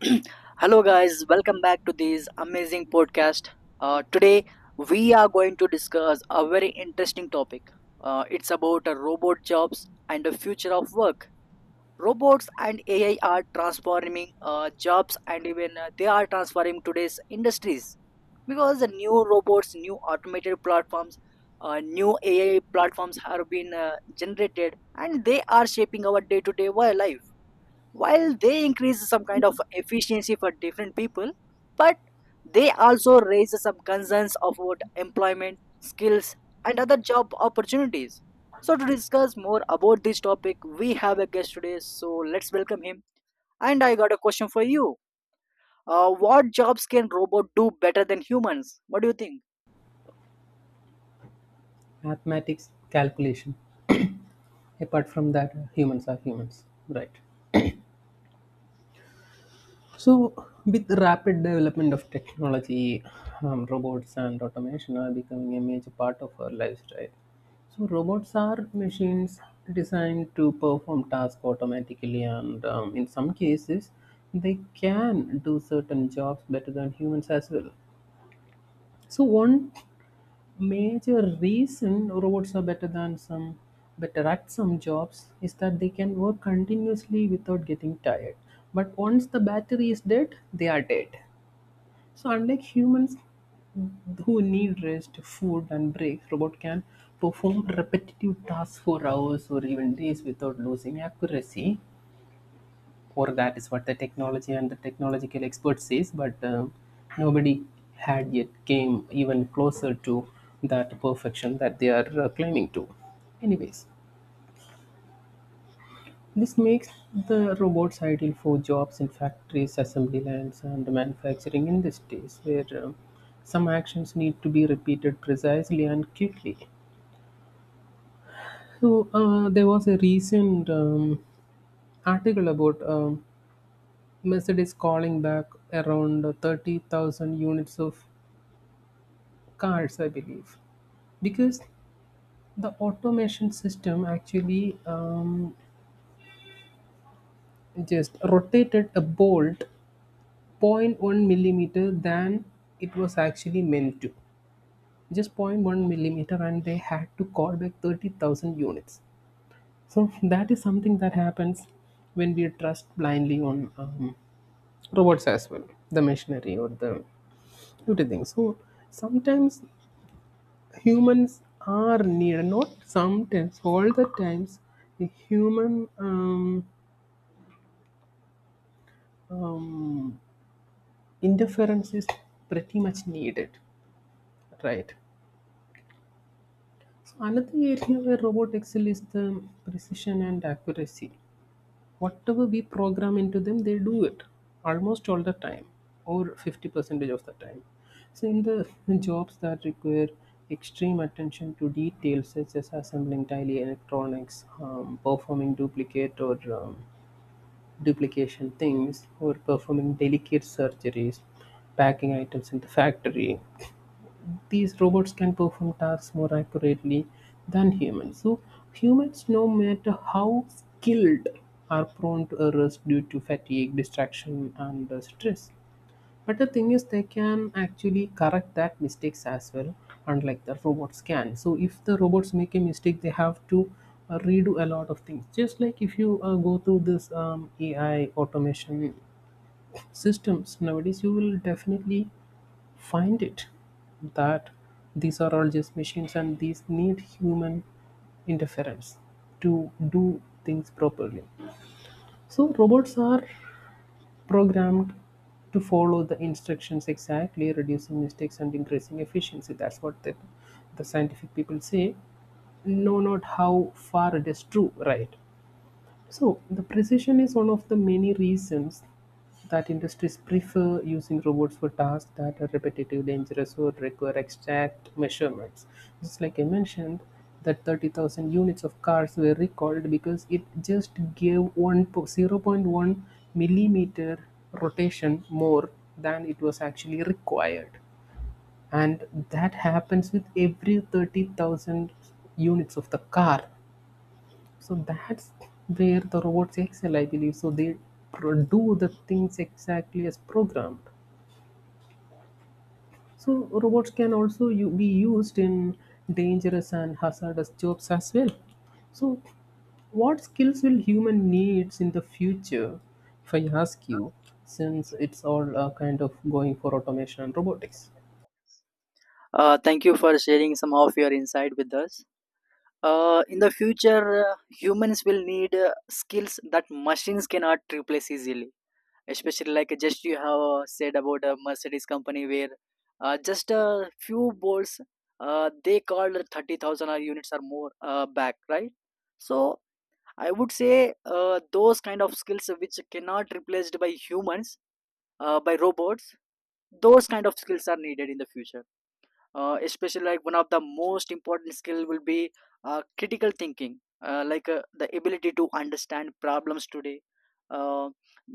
Hello, guys, welcome back to this amazing podcast. Today, we are going to discuss a very interesting topic. It's about robot jobs and the future of work. Robots and AI are transforming jobs, and even they are transforming today's industries because the new robots, new automated platforms, new AI platforms have been generated, and they are shaping our day-to-day life while they increase some kind of efficiency for different people, but they also raise some concerns about employment skills and other job opportunities. So to discuss more about this topic, we have a guest today, so let's welcome him. And I got a question for you. What jobs can robot do better than humans? What do you think? Mathematics. Calculation. Apart from that, humans are humans, right? So with rapid development of technology, robots and automation are becoming a major part of our lives, right? So robots are machines designed to perform tasks automatically, and in some cases, they can do certain jobs better than humans as well. So one major reason robots are better at some jobs is that they can work continuously without getting tired. But once the battery is dead, they are dead. So unlike humans who need rest, food and breaks, robot can perform repetitive tasks for hours or even days without losing accuracy, or that is what the technology and the technological expert says. But nobody had yet came even closer to that perfection that they are claiming to. Anyways, this makes the robots ideal for jobs in factories, assembly lines and manufacturing industries where some actions need to be repeated precisely and quickly. So there was a recent article about Mercedes calling back around 30,000 units of cars, I believe, because the automation system actually just rotated a bolt zero point 0.1 millimeter than it was actually meant to. Just zero point 0.1 millimeter, and they had to call back 30,000 units. So that is something that happens when we trust blindly on robots as well, the machinery or the everything. So sometimes humans are needed, not sometimes, all the times the human um, interference is pretty much needed, right? So another area where robot excel is the precision and accuracy. Whatever we program into them, they do it almost all the time, or 50 percentage of the time. So in the jobs that require extreme attention to details such as assembling tiny electronics, performing duplicate or um, duplication things, or performing delicate surgeries, packing items in the factory, these robots can perform tasks more accurately than humans. So humans, no matter how skilled, are prone to errors due to fatigue, distraction, and stress. But the thing is, they can actually correct that mistakes as well, unlike the robots can. So if the robots make a mistake, they have to redo a lot of things. Just like if you go through this AI automation systems nowadays, you will definitely find it that these are all just machines and these need human interference to do things properly. So robots are programmed to follow the instructions exactly, reducing mistakes and increasing efficiency. That's what the scientific people say. No, not how far it is true, right? So, the precision is one of the many reasons that industries prefer using robots for tasks that are repetitive, dangerous, or require exact measurements. Just like I mentioned, that 30,000 units of cars were recalled because it just gave zero point 0.1 millimeter rotation more than it was actually required. And that happens with every 30,000 units of the car. So that's where the robots excel, I believe. So they do the things exactly as programmed. So robots can also be used in dangerous and hazardous jobs as well. So, what skills will human needs in the future? If I ask you, since it's all kind of going for automation and robotics, Thank you for sharing some of your insight with us. In the future, humans will need skills that machines cannot replace easily. Especially like just you have said about a Mercedes company where just a few bolts, they called 30,000 or units or more back, right? So I would say those kind of skills which cannot replaced by humans, by robots, those kind of skills are needed in the future. Especially like one of the most important skill will be critical thinking, like the ability to understand problems today, uh,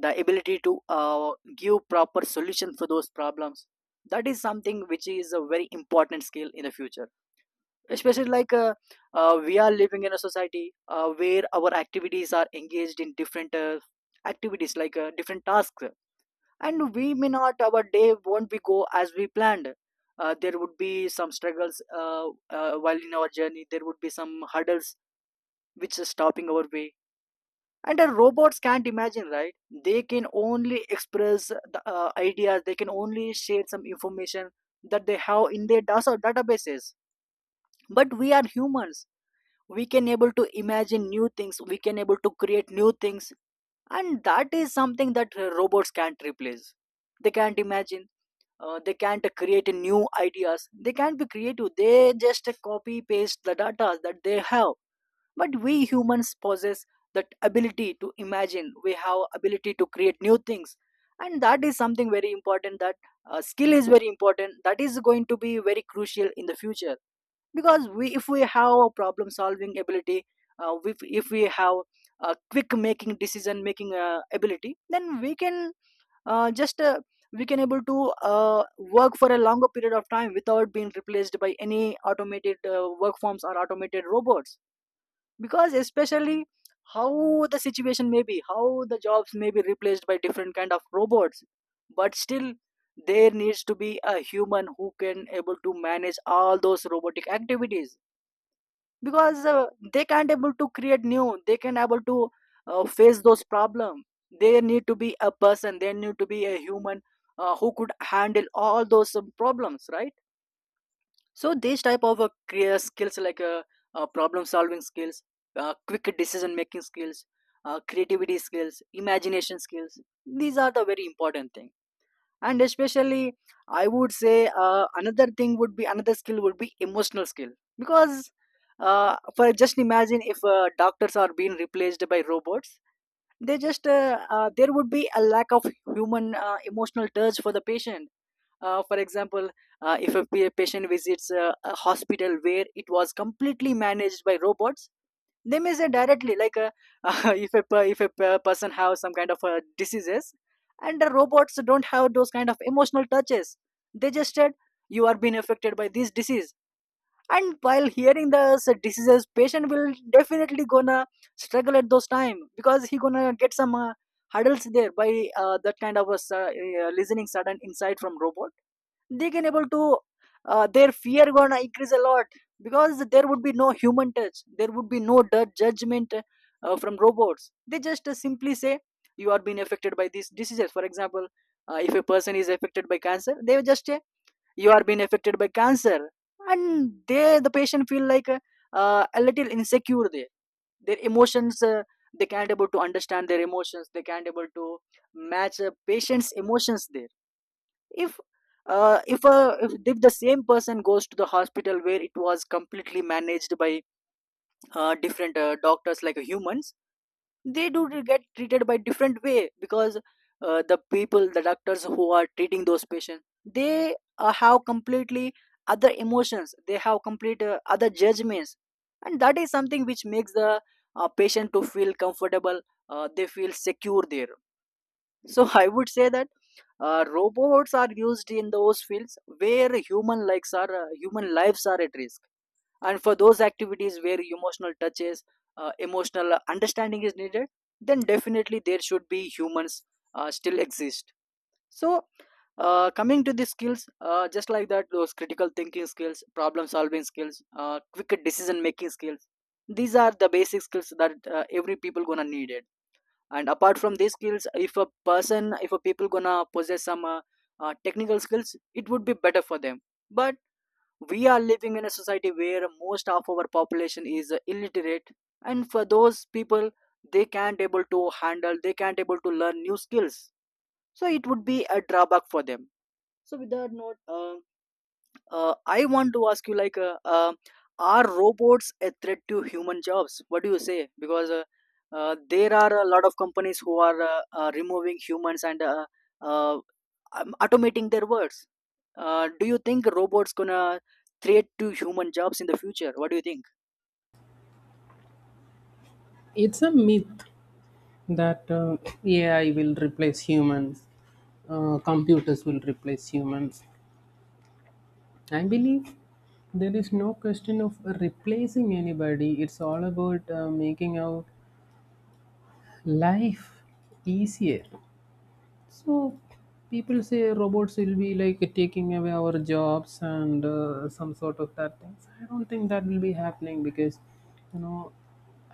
the ability to give proper solution for those problems. That is something which is a very important skill in the future, especially like we are living in a society where our activities are engaged in different activities, like different tasks, and we may not, our day won't be go as we planned. There would be some struggles while in our journey there would be some hurdles which are stopping our way. And the robots can't imagine, right? They can only express the ideas, they can only share some information that they have in their databases. But we are humans, we can able to imagine new things, we can able to create new things, and that is something that robots can't replace. They can't imagine, they can't create new ideas, they can't be creative, they just copy paste the data that they have. But we humans possess that ability to imagine, we have ability to create new things. And that is something very important, that skill is very important, that is going to be very crucial in the future. Because we, if we have a problem solving ability, if we have a quick making decision making ability, then we can, just we can able to work for a longer period of time without being replaced by any automated work forms or automated robots. Because especially how the situation may be, how the jobs may be replaced by different kind of robots, but still there needs to be a human who can able to manage all those robotic activities. Because they can't able to create new, they can able to face those problem, they need to be a person, they need to be a human who could handle all those problems, right? So these type of skills, like problem solving skills, quick decision making skills, creativity skills, imagination skills, these are the very important things. And especially I would say another thing would be, another skill would be emotional skill. Because for just imagine if doctors are being replaced by robots, they just there would be a lack of human emotional touch for the patient. For example, if a patient visits a hospital where it was completely managed by robots, they may say directly like, if a person have some kind of diseases, and the robots don't have those kind of emotional touches, they just said, "You are being affected by this disease." And while hearing the diseases, patient will definitely gonna struggle at those time, because he gonna get some hurdles there by that kind of a listening sudden insight from robot. They can able to their fear gonna increase a lot, because there would be no human touch, there would be no judgment from robots. They just simply say, "You are being affected by these diseases." For example, if a person is affected by cancer, they will just say, "You are being affected by cancer." And they, the patient feel like a little insecure there. Their emotions, they can't able to understand their emotions, they can't able to match a patient's emotions there. If uh, if, uh, if if the same person goes to the hospital where it was completely managed by different doctors like humans, they do get treated by different way. Because the people, the doctors who are treating those patients, they have completely other emotions, they have complete other judgments, and that is something which makes the patient to feel comfortable, they feel secure there. So I would say that robots are used in those fields where human likes are, human lives are at risk, and for those activities where emotional touches, emotional understanding is needed, then definitely there should be humans still exist. So coming to the skills, just like that, those critical thinking skills, problem solving skills, quick decision making skills. These are the basic skills that every people gonna need. And apart from these skills, if a person, if a people gonna possess some technical skills, it would be better for them. But we are living in a society where most of our population is illiterate, and for those people, they can't able to handle, they can't able to learn new skills. So it would be a drawback for them. So with that note, I want to ask you, like, are robots a threat to human jobs? What do you say? Because there are a lot of companies who are removing humans and uh, automating their works. Do you think robots gonna threat to human jobs in the future? What do you think? it's a myth that AI will replace humans, computers will replace humans. I believe there is no question of replacing anybody. It's all about making our life easier. So people say robots will be like taking away our jobs and some sort of that things. I don't think that will be happening because you know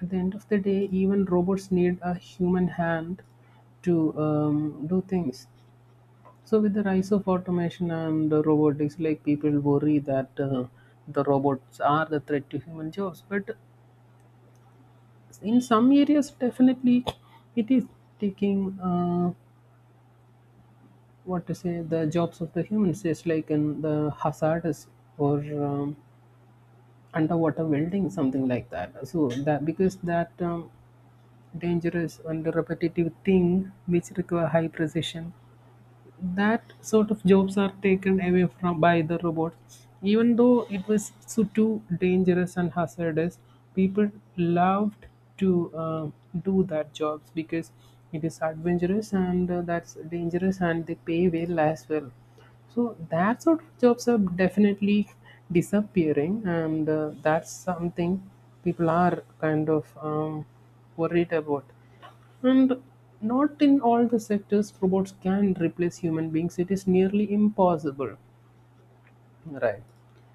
at the end of the day, even robots need a human hand to do things. So with the rise of automation and robotics, like people worry that the robots are the threat to human jobs. But in some areas, definitely, it is taking what to say the jobs of the humans, just like in the hazardous or underwater welding, something like that. So that because that dangerous and repetitive thing which require high precision, that sort of jobs are taken away from by the robots. Even though it was so too dangerous and hazardous, people loved to do that jobs because it is adventurous and that's dangerous and they pay well as well. So that sort of jobs are definitely disappearing, and that's something people are kind of worried about. And not in all the sectors robots can replace human beings. It is nearly impossible. Right.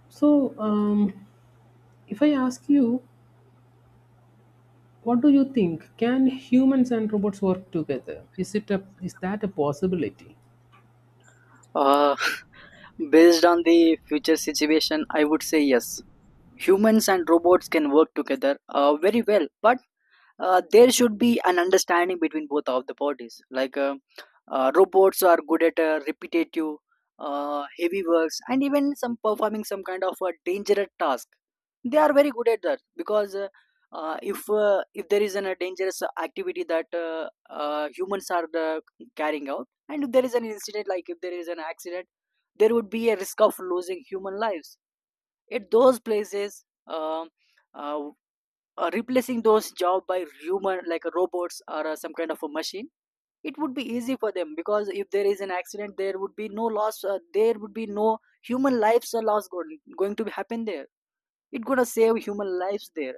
So, if I ask you, what do you think? Can humans and robots work together? Is that a possibility? Uh, based on the future situation, I would say yes. Humans and robots can work together very well, but there should be an understanding between both of the bodies. Like robots are good at repetitive heavy works and even some performing some kind of a dangerous task. They are very good at that. Because if there is an, a dangerous activity that humans are carrying out, and if there is an incident, like if there is an accident, there would be a risk of losing human lives at those places. Uh, Replacing those job by human like robots or some kind of a machine, it would be easy for them. Because if there is an accident, there would be no loss, there would be no human lives are lost going to happen there. It's gonna save human lives there.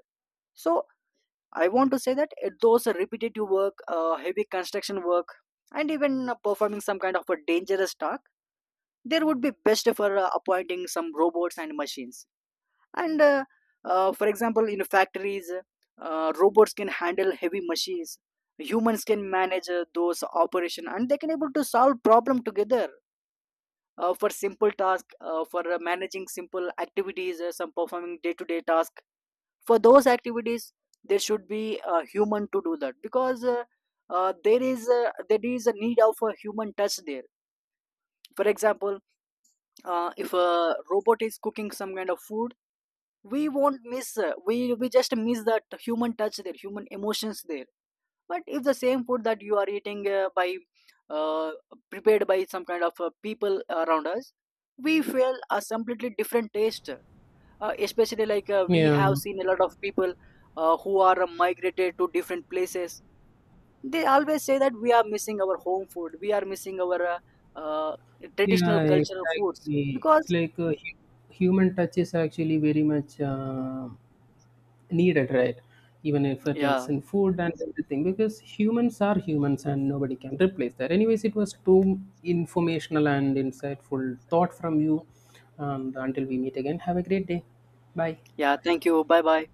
So I want to say that at those repetitive work, heavy construction work, and even performing some kind of a dangerous task, there would be best for appointing some robots and machines. And For example, in factories, robots can handle heavy machines, humans can manage those operation, and they can able to solve problem together. For simple task, for managing simple activities, some performing day to day task, for those activities there should be a human to do that. Because there is a need of a human touch there. For example, if a robot is cooking some kind of food, we won't miss, we just miss that human touch there, human emotions there. But if the same food that you are eating by uh, prepared by some kind of people around us, we feel a completely different taste. Especially like we Yeah, have seen a lot of people who are migrated to different places, they always say that we are missing our home food, we are missing our uh, traditional yeah, cultural foods, exactly. It's because like human touch is actually very much needed, right? Even if it yeah. is in food and everything because humans are humans and nobody can replace that. Anyways, it was too informational and insightful thought from you, and until we meet again, have a great day. Bye. Yeah, thank you. Bye bye.